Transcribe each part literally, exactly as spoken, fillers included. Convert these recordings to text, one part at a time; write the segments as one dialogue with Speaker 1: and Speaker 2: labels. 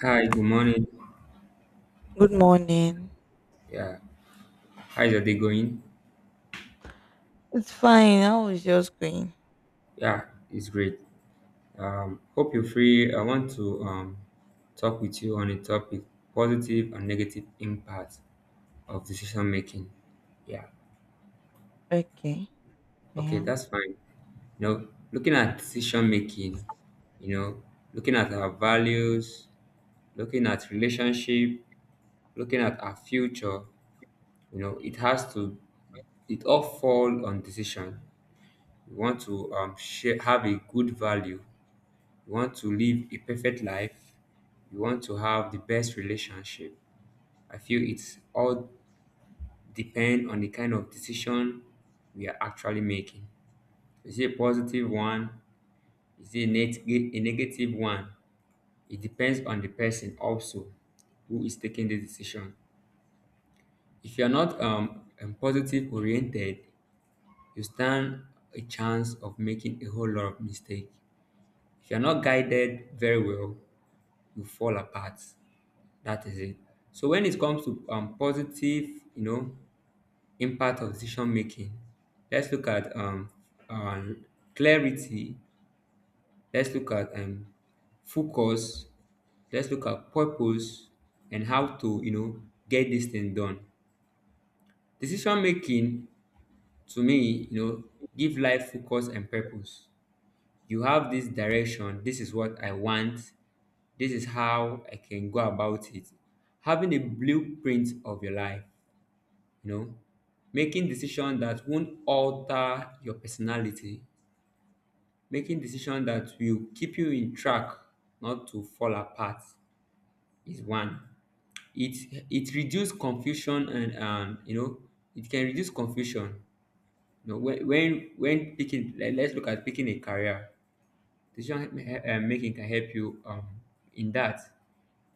Speaker 1: Hi, good morning.
Speaker 2: Good morning.
Speaker 1: Yeah, how's your day going?
Speaker 2: It's fine. How is yours going?
Speaker 1: Yeah, it's great. Um, hope you're free. I want to um talk with you on a topic: positive and negative impact of decision making. Yeah,
Speaker 2: Okay, I
Speaker 1: okay,
Speaker 2: am.
Speaker 1: that's fine. You know, looking at decision making, you know, looking at our values, looking at relationship, looking at our future, you know, it has to, it all fall on decision. We want to um, share, have a good value. You want to live a perfect life. You want to have the best relationship. I feel it's all depend on the kind of decision we are actually making. Is it a positive one? Is it a, neg- a negative one? It depends on the person also who is taking the decision. If you are not um, um, positive oriented, you stand a chance of making a whole lot of mistake. If you are not guided very well, you fall apart. That is it. So when it comes to um, positive, you know, impact of decision making, let's look at um, uh, clarity. Let's look at um, focus. Let's look at purpose and how to you know get this thing done. Decision making to me, you know, give life focus and purpose. You have this direction. This is what I want. This is how I can go about it. Having a blueprint of your life, you know making decisions that won't alter your personality, making decisions that will keep you in track, not to fall apart, is one. It it reduce confusion, and um you know it can reduce confusion. You know when when when picking, let, let's look at picking a career. Decision he- he- uh, making can help you um in that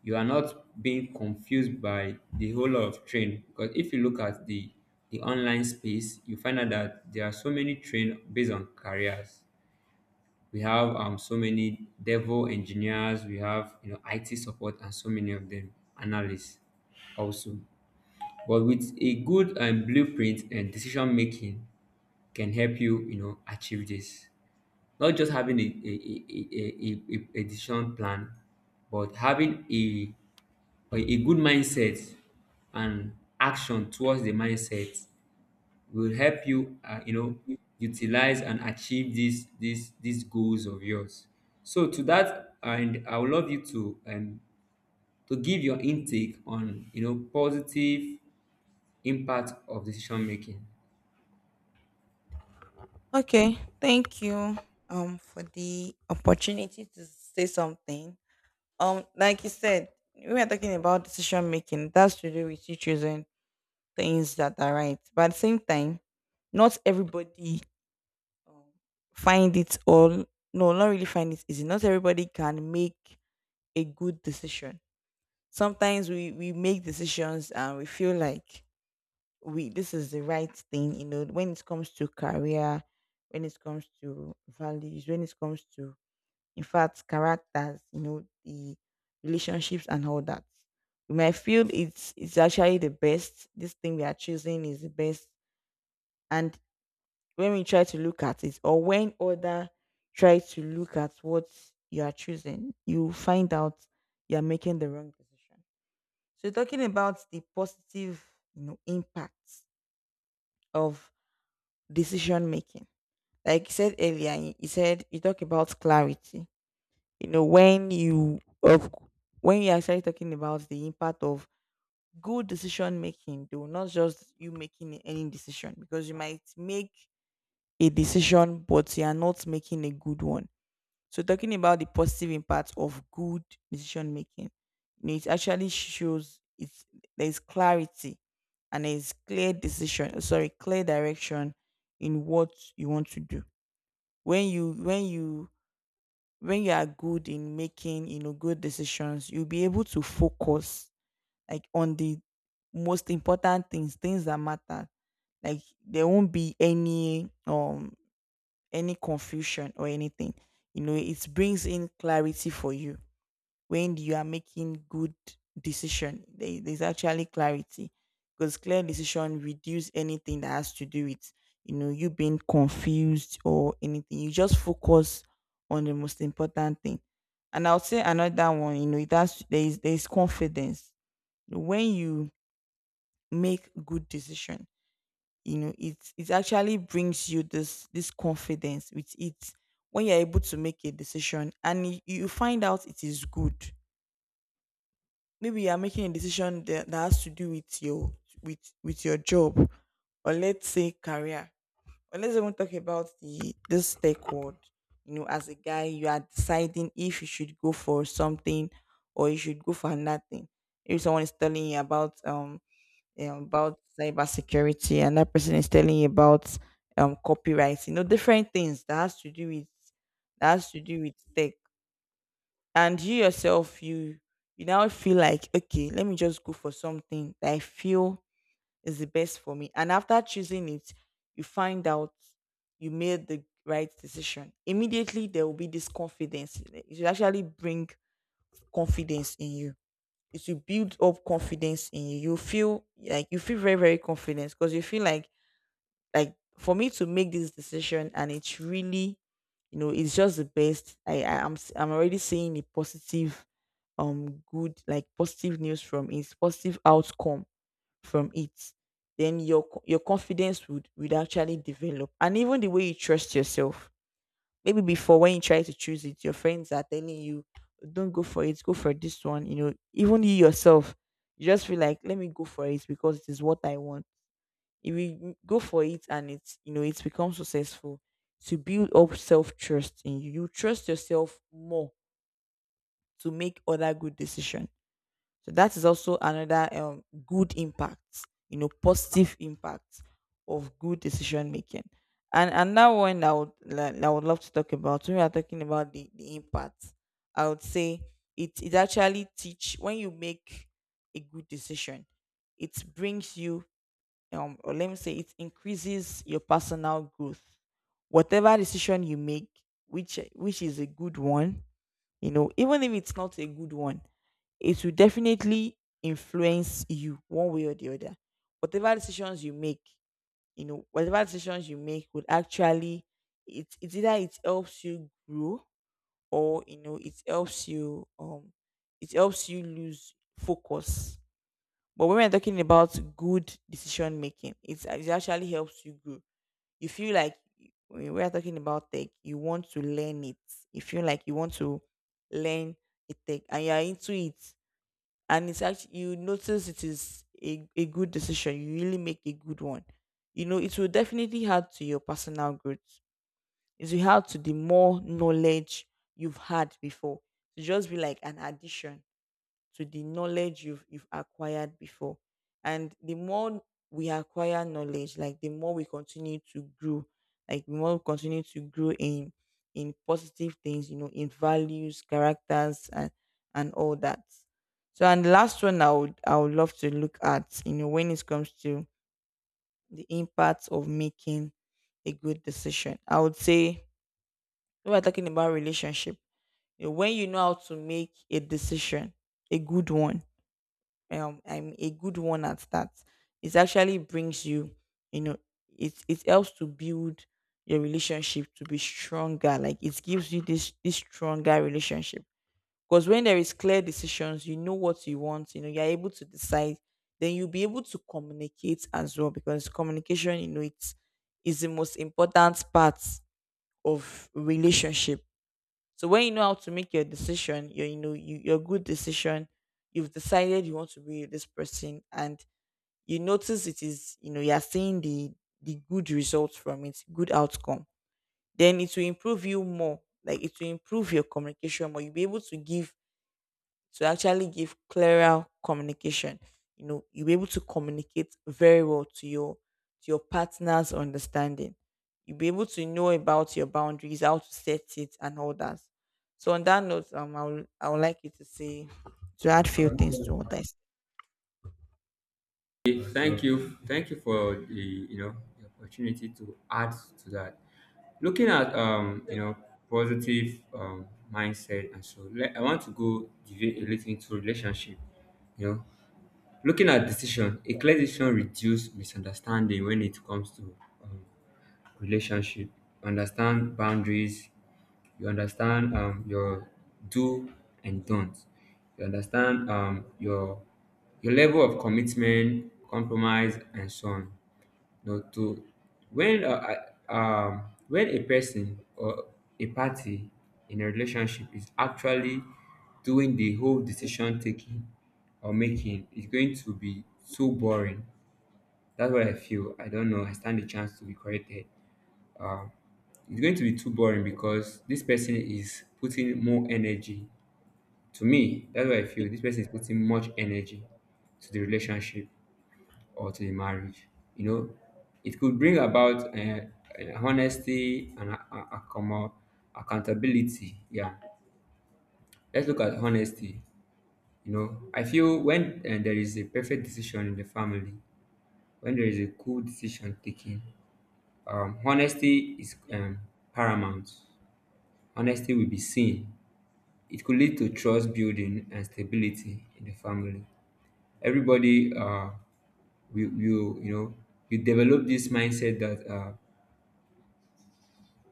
Speaker 1: you are not being confused by the whole lot of train, because if you look at the the online space you find out that there are so many train based on careers. We have um so many devil engineers, we have you know it support, and so many of them analysts also. But with a good um, blueprint and decision making can help you you know achieve this. Not just having a a, a, a, a, a a decision plan, but having a or a good mindset, and action towards the mindset, will help you, uh, you know, utilize and achieve these these these goals of yours. So to that, and I would love you to um, to give your intake on you know positive impact of decision making.
Speaker 2: Okay, thank you um for the opportunity to say something. Um, like you said, we were talking about decision making. That's to do with you choosing things that are right. But at the same time, not everybody um, find it all. No, not really find it easy. Not everybody can make a good decision. Sometimes we we make decisions and we feel like we this is the right thing, you know, when it comes to career, when it comes to values, when it comes to, in fact, characters, you know, the relationships and all that. We might feel it's it's actually the best, this thing we are choosing is the best. And when we try to look at it, or when other try to look at what you are choosing, you find out you are making the wrong decision. So talking about the positive, you know, impacts of decision making. Like you said earlier, you said you talk about clarity. You know, when you of when you're actually talking about the impact of good decision making, though, not just you making any decision, because you might make a decision but you are not making a good one. So talking about the positive impact of good decision making, you know, it actually shows it's there's clarity, and there's clear decision, sorry, clear direction in what you want to do. When you when you when you are good in making, you know, good decisions, you'll be able to focus like on the most important things, things that matter. Like there won't be any um any confusion or anything. You know, it brings in clarity for you. When you are making good decision, there, there's actually clarity, because clear decision reduce anything that has to do with, you know, you being confused or anything. You just focus on the most important thing. And I'll say another one. You know, it has, there is, there is confidence when you make good decision. You know, it it actually brings you this this confidence with it. When you're able to make a decision and you you find out it is good, maybe you are making a decision that, that has to do with your, with with your job, or let's say career, or let's even talk about the this tech world. You know, as a guy, you are deciding if you should go for something or you should go for another thing. If someone is telling you about um you know, about cybersecurity, and that person is telling you about um copyright, you know, different things that has to do with, that has to do with tech, and you yourself, you you now feel like, okay, let me just go for something that I feel is the best for me. And after choosing it, you find out you made the right decision. Immediately there will be this confidence. It will actually bring confidence in you. It will build up confidence in you. You feel like, you feel very very confident, because you feel like like for me to make this decision, and it's really, you know, it's just the best. I, I i'm s- i'm already seeing the positive um good, like positive news from it, positive outcome from it. Then your co- your confidence would would actually develop, and even the way you trust yourself. Maybe before, when you try to choose it, your friends are telling you, don't go for it, go for this one. You know, even you yourself, you just feel like, let me go for it because it is what I want. If you go for it and it's, you know, it becomes successful, to build up self trust in you, you trust yourself more to make other good decision. So that is also another um good impact, you know, positive impact of good decision making. And another one that I would like, I would love to talk about, when we are talking about the, the impact, I would say it it actually teach, when you make a good decision, it brings you um or let me say, it increases your personal growth. Whatever decision you make, which which is a good one, you know, even if it's not a good one, it will definitely influence you one way or the other. Whatever decisions you make, you know, whatever decisions you make would actually, it it's either it helps you grow, or, you know, it helps you um it helps you lose focus. But when we're talking about good decision making, it's, it actually helps you grow. You feel like, when we're talking about tech, you want to learn it. You feel like you want to learn a tech and you're into it. And it's actually, you notice it is a, a good decision. You really make a good one. You know, it will definitely add to your personal growth. It will add to the more knowledge you've had before. It will just be like an addition to the knowledge you've you've acquired before. And the more we acquire knowledge, like the more we continue to grow, like the more we continue to grow in in positive things, you know, in values, characters, and and all that. So, and the last one I would I would love to look at, you know, when it comes to the impact of making a good decision, I would say, when we're talking about relationship, you know, when you know how to make a decision, a good one, um I'm a good one at that. It actually brings you, you know, it it helps to build your relationship to be stronger. Like it gives you this this stronger relationship. Because when there is clear decisions, you know what you want, you know, you're able to decide, then you'll be able to communicate as well. Because communication, you know, it's, is the most important part of relationship. So when you know how to make your decision, your you know you, your good decision, you've decided you want to be with this person, and you notice it is, you know, you are seeing the the good results from it, good outcome. Then it will improve you more. Like it will improve your communication more. You'll be able to give, to actually give clearer communication. You know, you'll be able to communicate very well to your, to your partner's understanding. You'll be able to know about your boundaries, how to set it, and all that. So on that note, um, I would I would like you to say, to add few things to what I said.
Speaker 1: Okay, Thank you, thank you for the you know the opportunity to add to that. Looking at um you know positive um mindset, and so let, I want to go deviate a little into relationship. you know Looking at decision, a clear decision reduce misunderstanding when it comes to um, relationship. Understand boundaries, you understand um, your do and don't, you understand um, your your level of commitment, compromise, and so on. No, to when uh, I- um When a person or a party in a relationship is actually doing the whole decision taking or making, it's going to be so boring. That's what I feel. I don't know. I stand a chance to be corrected. Um, it's going to be too boring because this person is putting more energy. To me, that's what I feel. This person is putting much energy to the relationship or to a marriage. You know, it could bring about uh, uh, honesty and a- a- accom- accountability. Yeah, let's look at honesty. You know, I feel when uh, there is a perfect decision in the family, when there is a cool decision taken, um, honesty is um, paramount. Honesty will be seen. It could lead to trust building and stability in the family. Everybody uh, will, will you know, you develop this mindset that uh,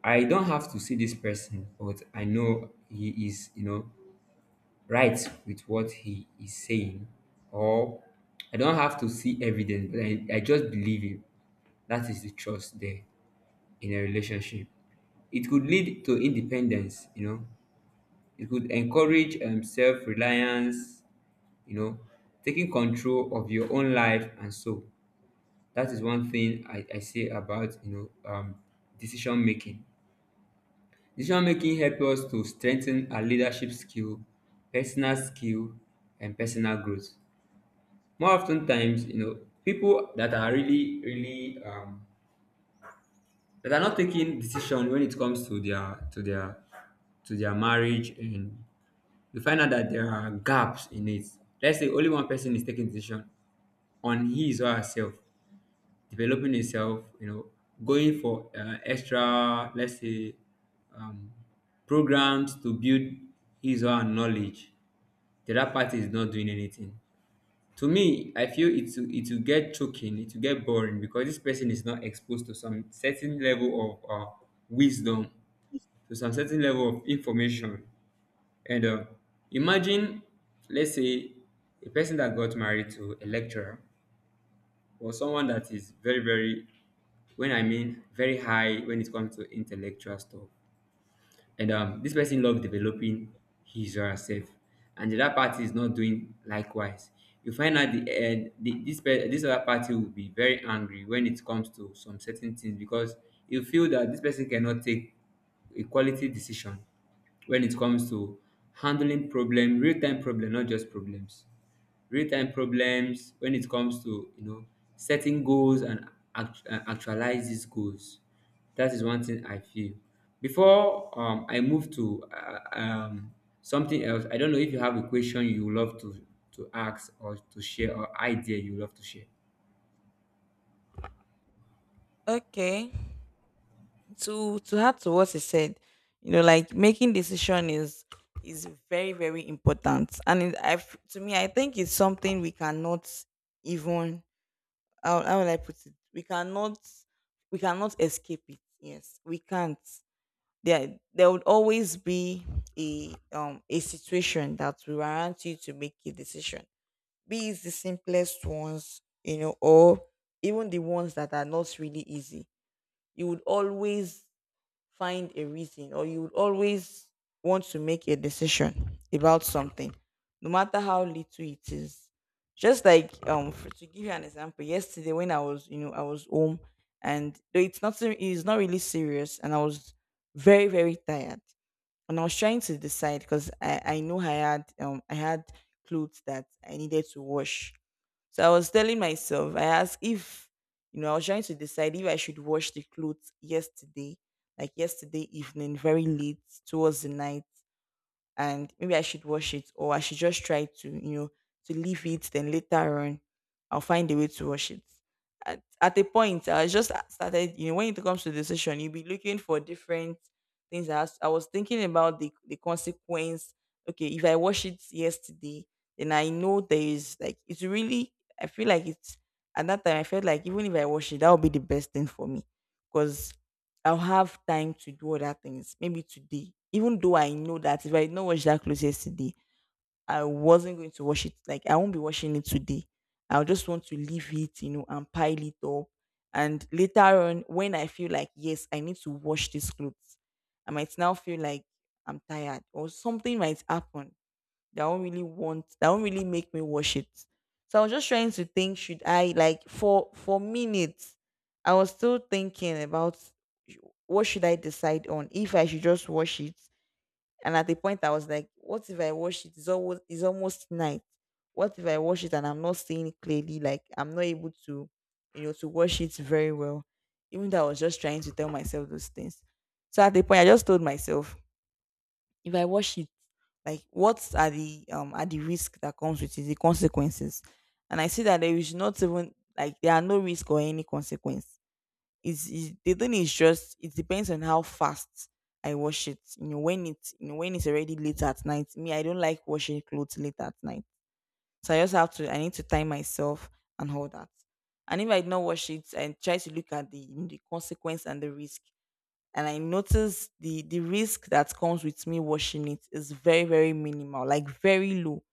Speaker 1: I don't have to see this person, but I know he is, you know, right with what he is saying. Or I don't have to see evidence, but I, I just believe him. That is the trust there in a relationship. It could lead to independence, you know. It could encourage um, self reliance, you know, taking control of your own life and so. That is one thing I, I say about, you know, um, decision making. Decision making help us to strengthen our leadership skill, personal skill, and personal growth. More often times, you know, people that are really, really um that are not taking decision when it comes to their to their to their marriage, and you find out that there are gaps in it. Let's say only one person is taking decision on his or herself, developing itself, you know, going for uh, extra, let's say, um, programs to build his or her knowledge. The other party is not doing anything. To me, I feel it will, it will get choking, it will get boring because this person is not exposed to some certain level of uh, wisdom, to some certain level of information. And uh, imagine, let's say, a person that got married to a lecturer, or someone that is very very, when I mean very high when it comes to intellectual stuff, and um this person loves developing his or herself, and the other party is not doing likewise. You find out the uh, the, this pe- this other party will be very angry when it comes to some certain things, because you feel that this person cannot take a quality decision when it comes to handling problem, real time problem, not just problems, real time problems, when it comes to you know setting goals and act- and actualize these goals. That is one thing I feel. Before um, I move to uh, um, something else, I don't know if you have a question you would love to to ask or to share, or idea you would love to share.
Speaker 2: Okay, to to add to what I said, you know, like making decision is is very very important, and it, I f- to me I think it's something we cannot even, how, how will I put it? We cannot, we cannot escape it. Yes, we can't. There there would always be a um a situation that will warrant you to make a decision. Be it the simplest ones, you know, or even the ones that are not really easy. You would always find a reason, or you would always want to make a decision about something, no matter how little it is. Just like um for, to give you an example, yesterday when I was, you know, I was home, and though it's not ser- it's not really serious, and I was very very tired, and I was trying to decide, because i i know I had, um I had clothes that I needed to wash. So I was telling myself, I asked if, you know, I was trying to decide if I should wash the clothes yesterday, like yesterday evening, very late towards the night, and maybe I should wash it, or I should just try to, you know, to leave it. Then later on, I'll find a way to wash it. At, at a point, I just started, you know, when it comes to decision, you'll be looking for different things. I, was- I was thinking about the, the consequence. Okay, if I wash it yesterday, then I know there is like, it's really, I feel like it's, at that time, I felt like, even if I wash it, that would be the best thing for me. Because I'll have time to do other things, maybe today. Even though I know that if I did not wash that clothes yesterday, I wasn't going to wash it. Like I won't be washing it today. I'll just want to leave it, you know, and pile it up. And later on, when I feel like, yes, I need to wash these clothes, I might now feel like I'm tired, or something might happen that won't really want, that won't really make me watch it. So I was just trying to think, should I, like, for for minutes I was still thinking about sh- what should I decide on, if I should just watch it. And at the point I was like, what if I watch it? It's almost it's almost night. What if I watch it and I'm not seeing it clearly? Like I'm not able to, you know, to watch it very well. Even though I was just trying to tell myself those things. So at the point I just told myself, if I watch it, like, what are the um are the risk that comes with it, the consequences? And I see that there is not even, like, there are no risk or any consequence. It's, it's the thing is just it depends on how fast I wash it. You know, when it's, you know, when it's already late at night. Me, I don't like washing clothes late at night, so I just have to. I need to time myself and all that. And if I do not wash it, I try to look at the the consequence and the risk, and I noticed the the risk that comes with me washing it is very very minimal, like very low,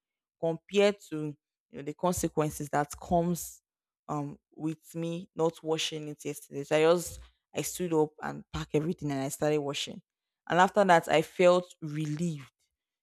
Speaker 2: compared to, you know, the consequences that comes um with me not washing it yesterday. So I just, I stood up and packed everything and I started washing, and after that I felt relieved.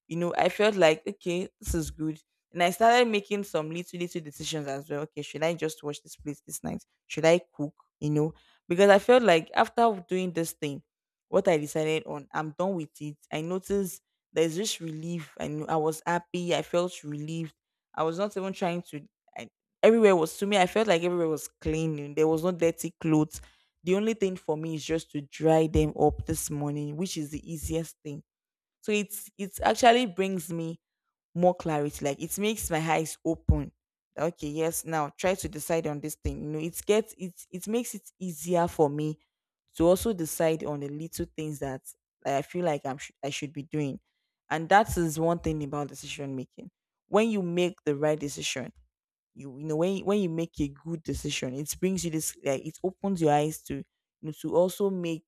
Speaker 2: You know, I felt like, okay, this is good. And I started making some little little decisions as well. Okay, should I just wash this place this night? Should I cook? You know, because I felt like after doing this thing, what I decided on, I'm done with it. I noticed there's this relief. I knew I was happy. I felt relieved. I was not even trying to. I, everywhere was, to me, I felt like everywhere was clean. And there was no dirty clothes. The only thing for me is just to dry them up this morning, which is the easiest thing. So it's, it actually brings me more clarity. Like, it makes my eyes open. Like, okay, yes, now try to decide on this thing. You know, it gets, it it makes it easier for me to also decide on the little things that I feel like I'm sh- I should be doing. And that is one thing about decision making. When you make the right decision, you you know, when you- when you make a good decision, it brings you this, like it opens your eyes to, you know, to also make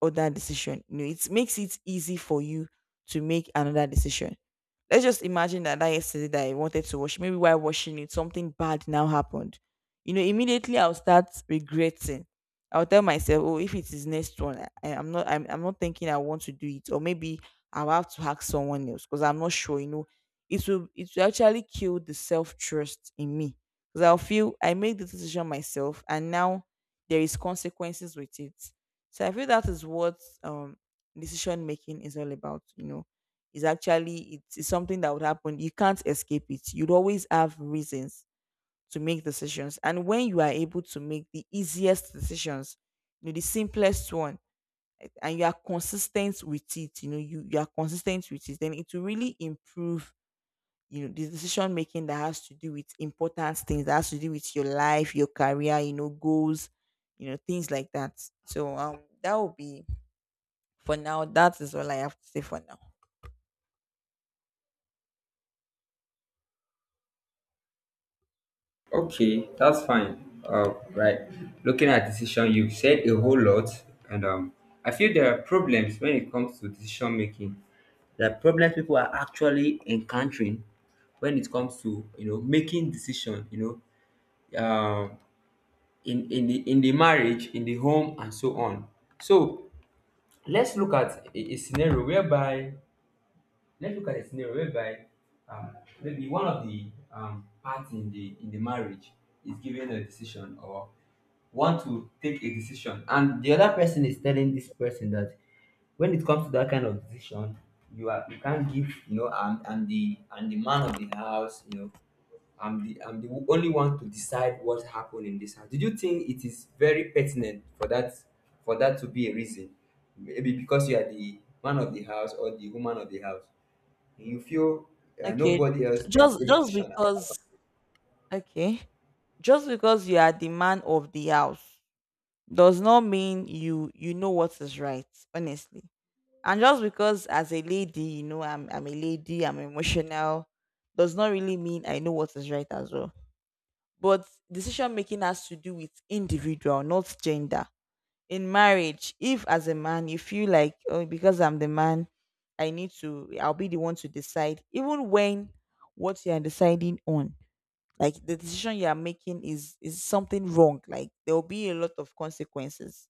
Speaker 2: other decision. You know, it makes it easy for you to make another decision. Let's just imagine that that yesterday that I wanted to wash, maybe while washing it, something bad now happened. You know, immediately I'll start regretting. I'll tell myself, oh, if it is next one, I, I- am not, I'm, I'm not thinking I want to do it, or maybe I'll have to ask someone else because I'm not sure. You know, it will, it will actually kill the self trust in me because I'll feel I made the decision myself, and now there is consequences with it. So I feel that is what um decision making is all about. You know, is actually, it is something that would happen. You can't escape it. You'd always have reasons to make decisions. And when you are able to make the easiest decisions, you know, the simplest one, and you are consistent with it, you know, you, you are consistent with it, then it will really improve, you know, the decision making that has to do with important things, that has to do with your life, your career, you know, goals, you know, things like that. So um that will be for now. That is all I have to say for now.
Speaker 1: Okay, that's fine. Uh, right. Looking at decision, you have said a whole lot, and um, I feel there are problems when it comes to decision making. There are problems people are actually encountering when it comes to you know making decision. You know, um, in in the in the marriage, in the home, and so on. So let's look at a, a scenario whereby. Let's look at a scenario whereby um, Maybe one of the um, parts in the in the marriage is giving a decision, or want to take a decision, and the other person is telling this person that when it comes to that kind of decision, you are you can't give. you know I'm, I'm the I'm the man of the house, you know I'm the I'm the only one to decide what happened in this house. Did you think it is very pertinent for that for that to be a reason? Maybe because you are the man of the house or the woman of the house, you feel uh,
Speaker 2: Okay.
Speaker 1: nobody
Speaker 2: J-
Speaker 1: else can
Speaker 2: Just
Speaker 1: take
Speaker 2: just
Speaker 1: decision apart from
Speaker 2: because okay. Just because you are the man of the house does not mean you, you know what is right, honestly. And just because as a lady, you know, I'm I'm a lady, I'm emotional, does not really mean I know what is right as well. But decision making has to do with individual, not gender. In marriage, if as a man you feel like, oh, because I'm the man, I need to, I'll be the one to decide, even when what you are deciding on, like the decision you are making is is something wrong. Like there will be a lot of consequences.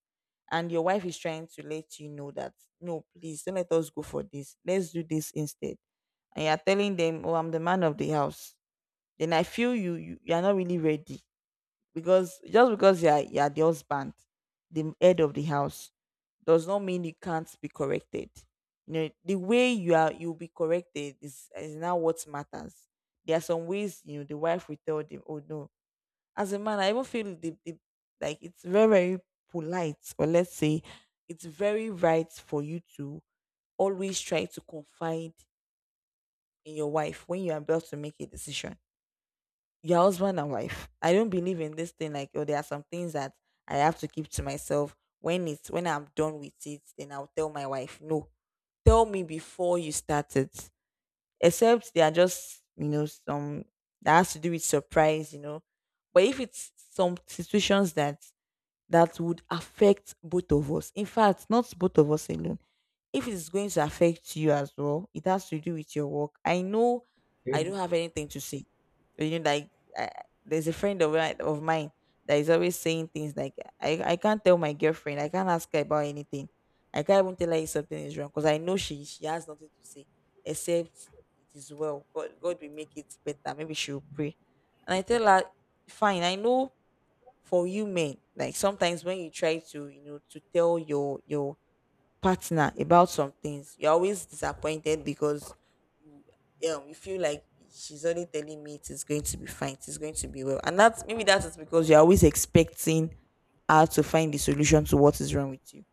Speaker 2: And your wife is trying to let you know that, no, please don't let us go for this. Let's do this instead. And you're telling them, oh, I'm the man of the house. Then I feel you, you, you are not really ready. Because just because you are you are the husband, the head of the house, does not mean you can't be corrected. You know, the way you are, you'll be corrected is is now what matters. There are some ways, you know, the wife will tell them, oh no. As a man, I even feel the, the like, it's very, very polite, or let's say it's very right for you to always try to confide in your wife when you're about to make a decision. Your husband and wife. I don't believe in this thing like, oh, there are some things that I have to keep to myself. When it's, when I'm done with it, then I'll tell my wife. No. Tell me before you start it. Except they are just, you know, some that has to do with surprise, you know. But if it's some situations that that would affect both of us. In fact, not both of us alone. If it's going to affect you as well, it has to do with your work, I know. I
Speaker 1: you.
Speaker 2: don't have anything to say. You know, like, I, there's a friend of mine, of mine that is always saying things like, I, I can't tell my girlfriend, I can't ask her about anything. I can't even tell her if something is wrong because I know she she has nothing to say except it is well. God, God will make it better. Maybe she'll pray. And I tell her, fine, I know for you men, like, sometimes when you try to, you know, to tell your your partner about some things, you're always disappointed because you, um, you feel like she's only telling me, it is going to be fine, it's going to be well. And that's, maybe that is because you're always expecting her to find the solution to what is wrong with you,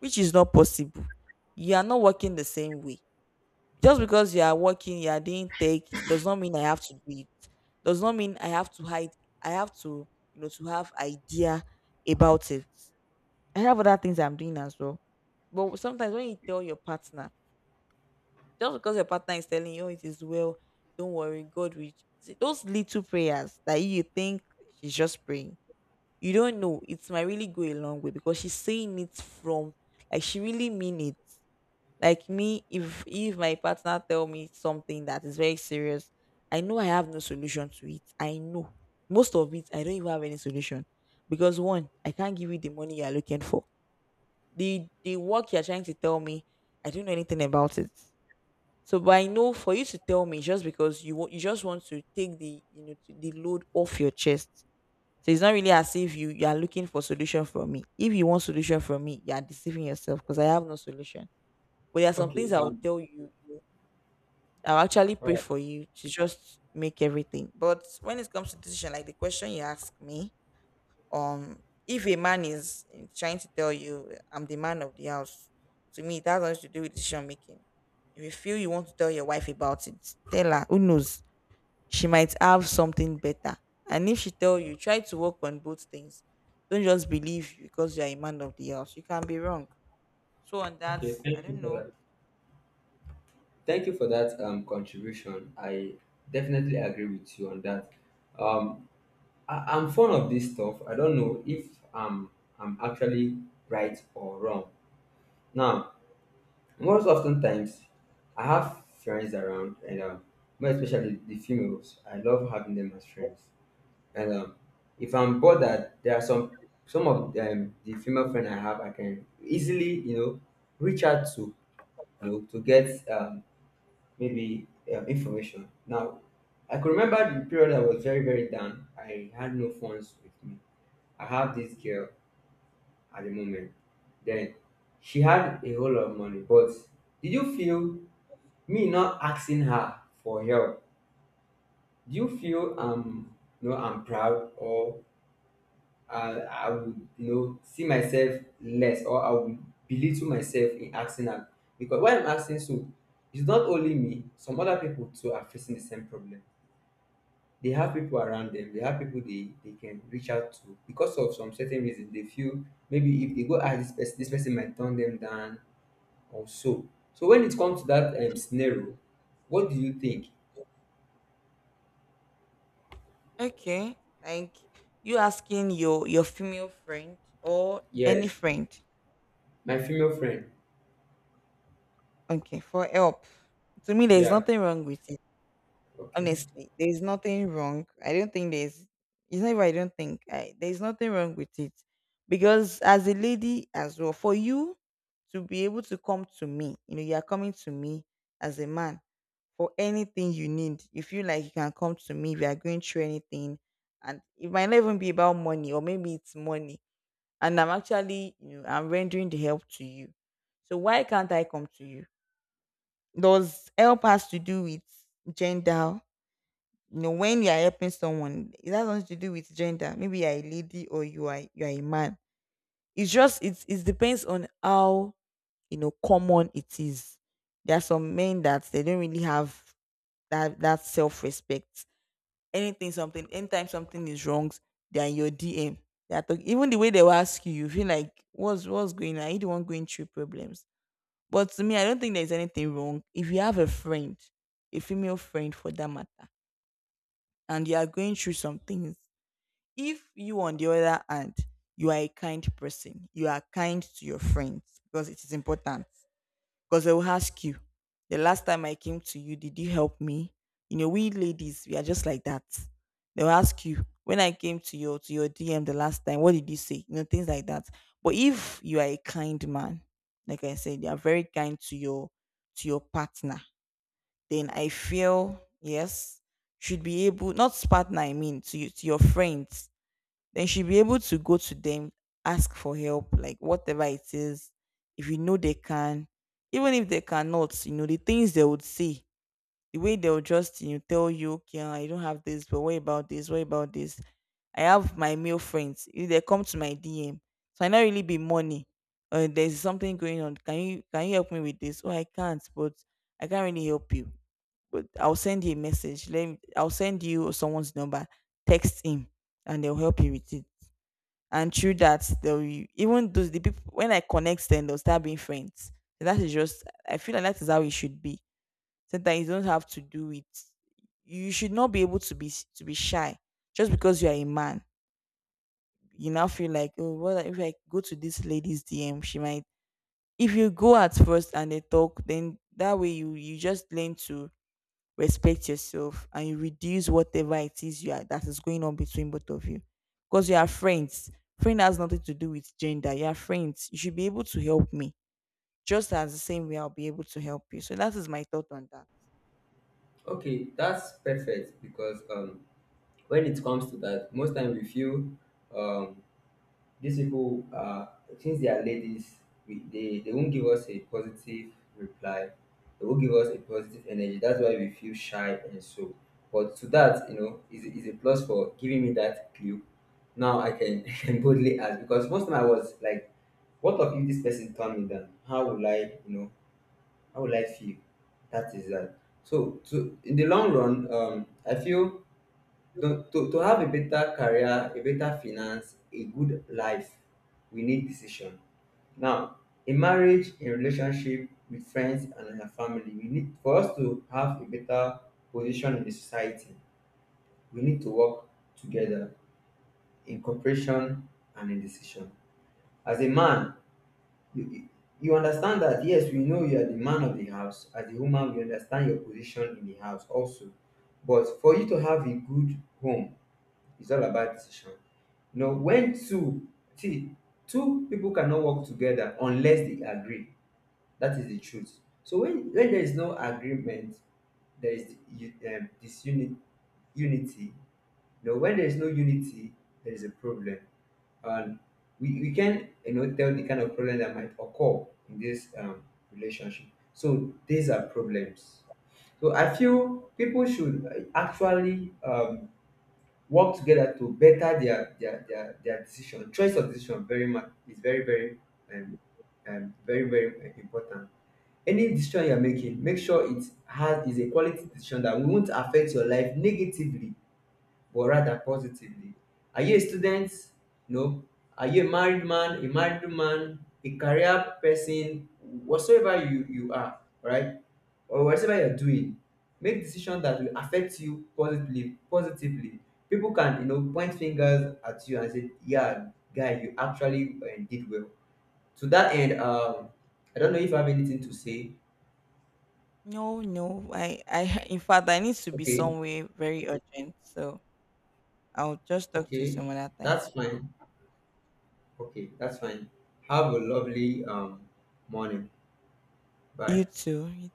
Speaker 2: which is not possible. You are not working the same way. Just because you are working, you are doing tech, does not mean I have to do it. Does not mean I have to hide. I have to, you know, to have idea about it. I have other things I'm doing as well. But sometimes when you tell your partner, just because your partner is telling you, "Oh, it is well, don't worry, God will." See, those little prayers that you think she's just praying, you don't know. It might really go a long way because she's saying it from, like, she really mean it. Like me, if if my partner tell me something that is very serious, I know I have no solution to it. I know most of it, I don't even have any solution because, one, I can't give you the money you are looking for. The the work you are trying to tell me, I don't know anything about it. So, but I know for you to tell me, just because you wa- you just want to take the, you know, to- the load off your chest. So it's not really as if you, you are looking for solution from me. If you want solution from me, you are deceiving yourself because I have no solution. But there are some things
Speaker 1: Okay.
Speaker 2: I will
Speaker 1: Um.
Speaker 2: tell you. I'll actually
Speaker 1: All
Speaker 2: pray
Speaker 1: right.
Speaker 2: for you to just make everything. But when it comes to decision, like the question you ask me, um, if a man is trying to tell you, I'm the man of the house, to me it has nothing to do with decision making. If you feel you want to tell your wife about it, tell her. Who knows? She might have something better. And if she tell you, try to work on both things. Don't just believe because you are a man of the house. You can be wrong. So on that,
Speaker 1: Okay.
Speaker 2: I
Speaker 1: Thank you
Speaker 2: don't
Speaker 1: for
Speaker 2: know.
Speaker 1: that. Thank you for that um, contribution. I definitely agree with you on that. Um, I, I'm fond of this stuff. I don't know if I'm, I'm actually right or wrong. Now, most oftentimes, I have friends around, and um, more especially the females, I love having them as friends. And um, if I'm bothered, there are some some of um, the female friend I have, I can easily you know reach out to you know to get um, maybe um, information. Now, I could remember the period I was very very down. I had no phones with me. I have this girl at the moment. Then she had a whole lot of money, but did you feel me not asking her for help? Do you feel um, no, I'm proud, or uh, I will you know see myself less, or I will belittle myself in asking am, because why I'm asking so, it's not only me, some other people too are facing the same problem. They have people around them, they have people they they can reach out to. Because of some certain reason they feel maybe if they go ask this person, this person might turn them down, or so. So when it comes to that um, scenario, what do you think?
Speaker 2: Okay. Like, you asking your your female friend or any
Speaker 1: Yes,
Speaker 2: friend,
Speaker 1: my female friend.
Speaker 2: okay, for help. To me, there's
Speaker 1: Yeah,
Speaker 2: nothing wrong with it.
Speaker 1: okay.
Speaker 2: Honestly, there's nothing wrong. I don't think there's. It's not. Even, I don't think I, there's nothing wrong with it, because as a lady as well, for you to be able to come to me, you know, you are coming to me as a man for anything you need. You feel like you can come to me if you are going through anything, and it might not even be about money, or maybe it's money and I'm actually, you know, I'm rendering the help to you. So why can't I come to you? Does help has to do with gender? You know, when you are helping someone, it has nothing to do with gender. Maybe you are a lady or you are you are a man. It's just it's it depends on how, you know, common it is. There are some men that they don't really have that that self respect. Anything something Anytime something is wrong, they're in your DM, they're talking. Even the way they will ask you, you feel like what's what's going on. Are you the one going through problems? But to me, I don't think there's anything wrong. If you have a friend, a female friend for that matter, and you are going through some things, if you, on the other hand, you are a kind person, you are kind to your friends, because it is important. Because they will ask you, the last time I came to you, did you help me? You know, we ladies, we are just like that. They'll ask you, when I came to your, to your DM the last time, what did you say? You know, things like that. But if you are a kind man, like I said, you are very kind to your, to your partner, then I feel yes, should be able, not partner, I mean to you, to your friends, then she'll be able to go to them, ask for help, like whatever it is. If you know they can, even if they cannot, you know, the things they would say, the way they'll just, you know, tell you, okay, I don't have this, but what about this? What about this? I have my male friends. If they come to my D M, so I not really be money. Uh, there's something going on. Can you can you help me with this? Oh, I can't, but I can't really help you. But I'll send you a message. Let me, I'll send you someone's number. Text him and they'll help you with it. And through that they'll be- even those the people, when I connect them, they'll start being friends. So, that is just, I feel like that is how it should be. Sometimes you don't have to do it. You should not be able to be s- to be shy just because you are a man. You now feel like, oh, what if I go to this lady's D M, she might. If you go at first and they talk, then that way you you just learn to respect yourself, and you reduce whatever it is you are, that is going on between both of you, because you are friends. Friend has nothing to do with gender. You are friends, you should be able to help me just as the same way I'll be able to help you. So that is my thought on that.
Speaker 1: Okay, that's perfect because um when it comes to that, most time we feel um, these people are, since they are ladies, we, they they won't give us a positive reply. They won't give us a positive energy. That's why we feel shy and so. But to that, you know, is is a plus for giving me that clue. Now I can I can boldly ask, because most time I was like, what of if this person turn me down? How will I, you know, how will I feel? That is that. So to in the long run, um, I feel the, to, to have a better career, a better finance, a good life, we need decision. Now, in marriage, in relationship with friends, and in our family, we need, for us to have a better position in the society, we need to work together in cooperation and in decision. As a man, you, you you understand that yes, we know you are the man of the house. As a woman, we understand your position in the house also. But for you to have a good home, it's all about decision. You know, when two, see two people cannot work together unless they agree. That is the truth. So when when there is no agreement, there is u- um, disunity. Unity. You know, when there is no unity, there is a problem. And we, we can you know tell the kind of problem that might occur in this um, relationship. So these are problems. So I feel people should uh, actually um, work together to better their their their their decision. Choice of decision very much is very very um, um very very uh, important. Any decision you're making, make sure it has is a quality decision that won't affect your life negatively, but rather positively. Are you a student? No. Are you a married man, a married man, a career person, whatsoever you, you are, right? Or whatever you're doing, make decisions that will affect you positively, positively. People can, you know, point fingers at you and say, yeah, guy, you actually uh, did well. To that end, um, I don't know if I have anything to say.
Speaker 2: No no i i in fact I need to be
Speaker 1: Okay,
Speaker 2: somewhere very urgent, so I'll just talk to you
Speaker 1: okay,
Speaker 2: some other time.
Speaker 1: that's fine. Okay, that's fine. Have a lovely um morning. Bye.
Speaker 2: You too.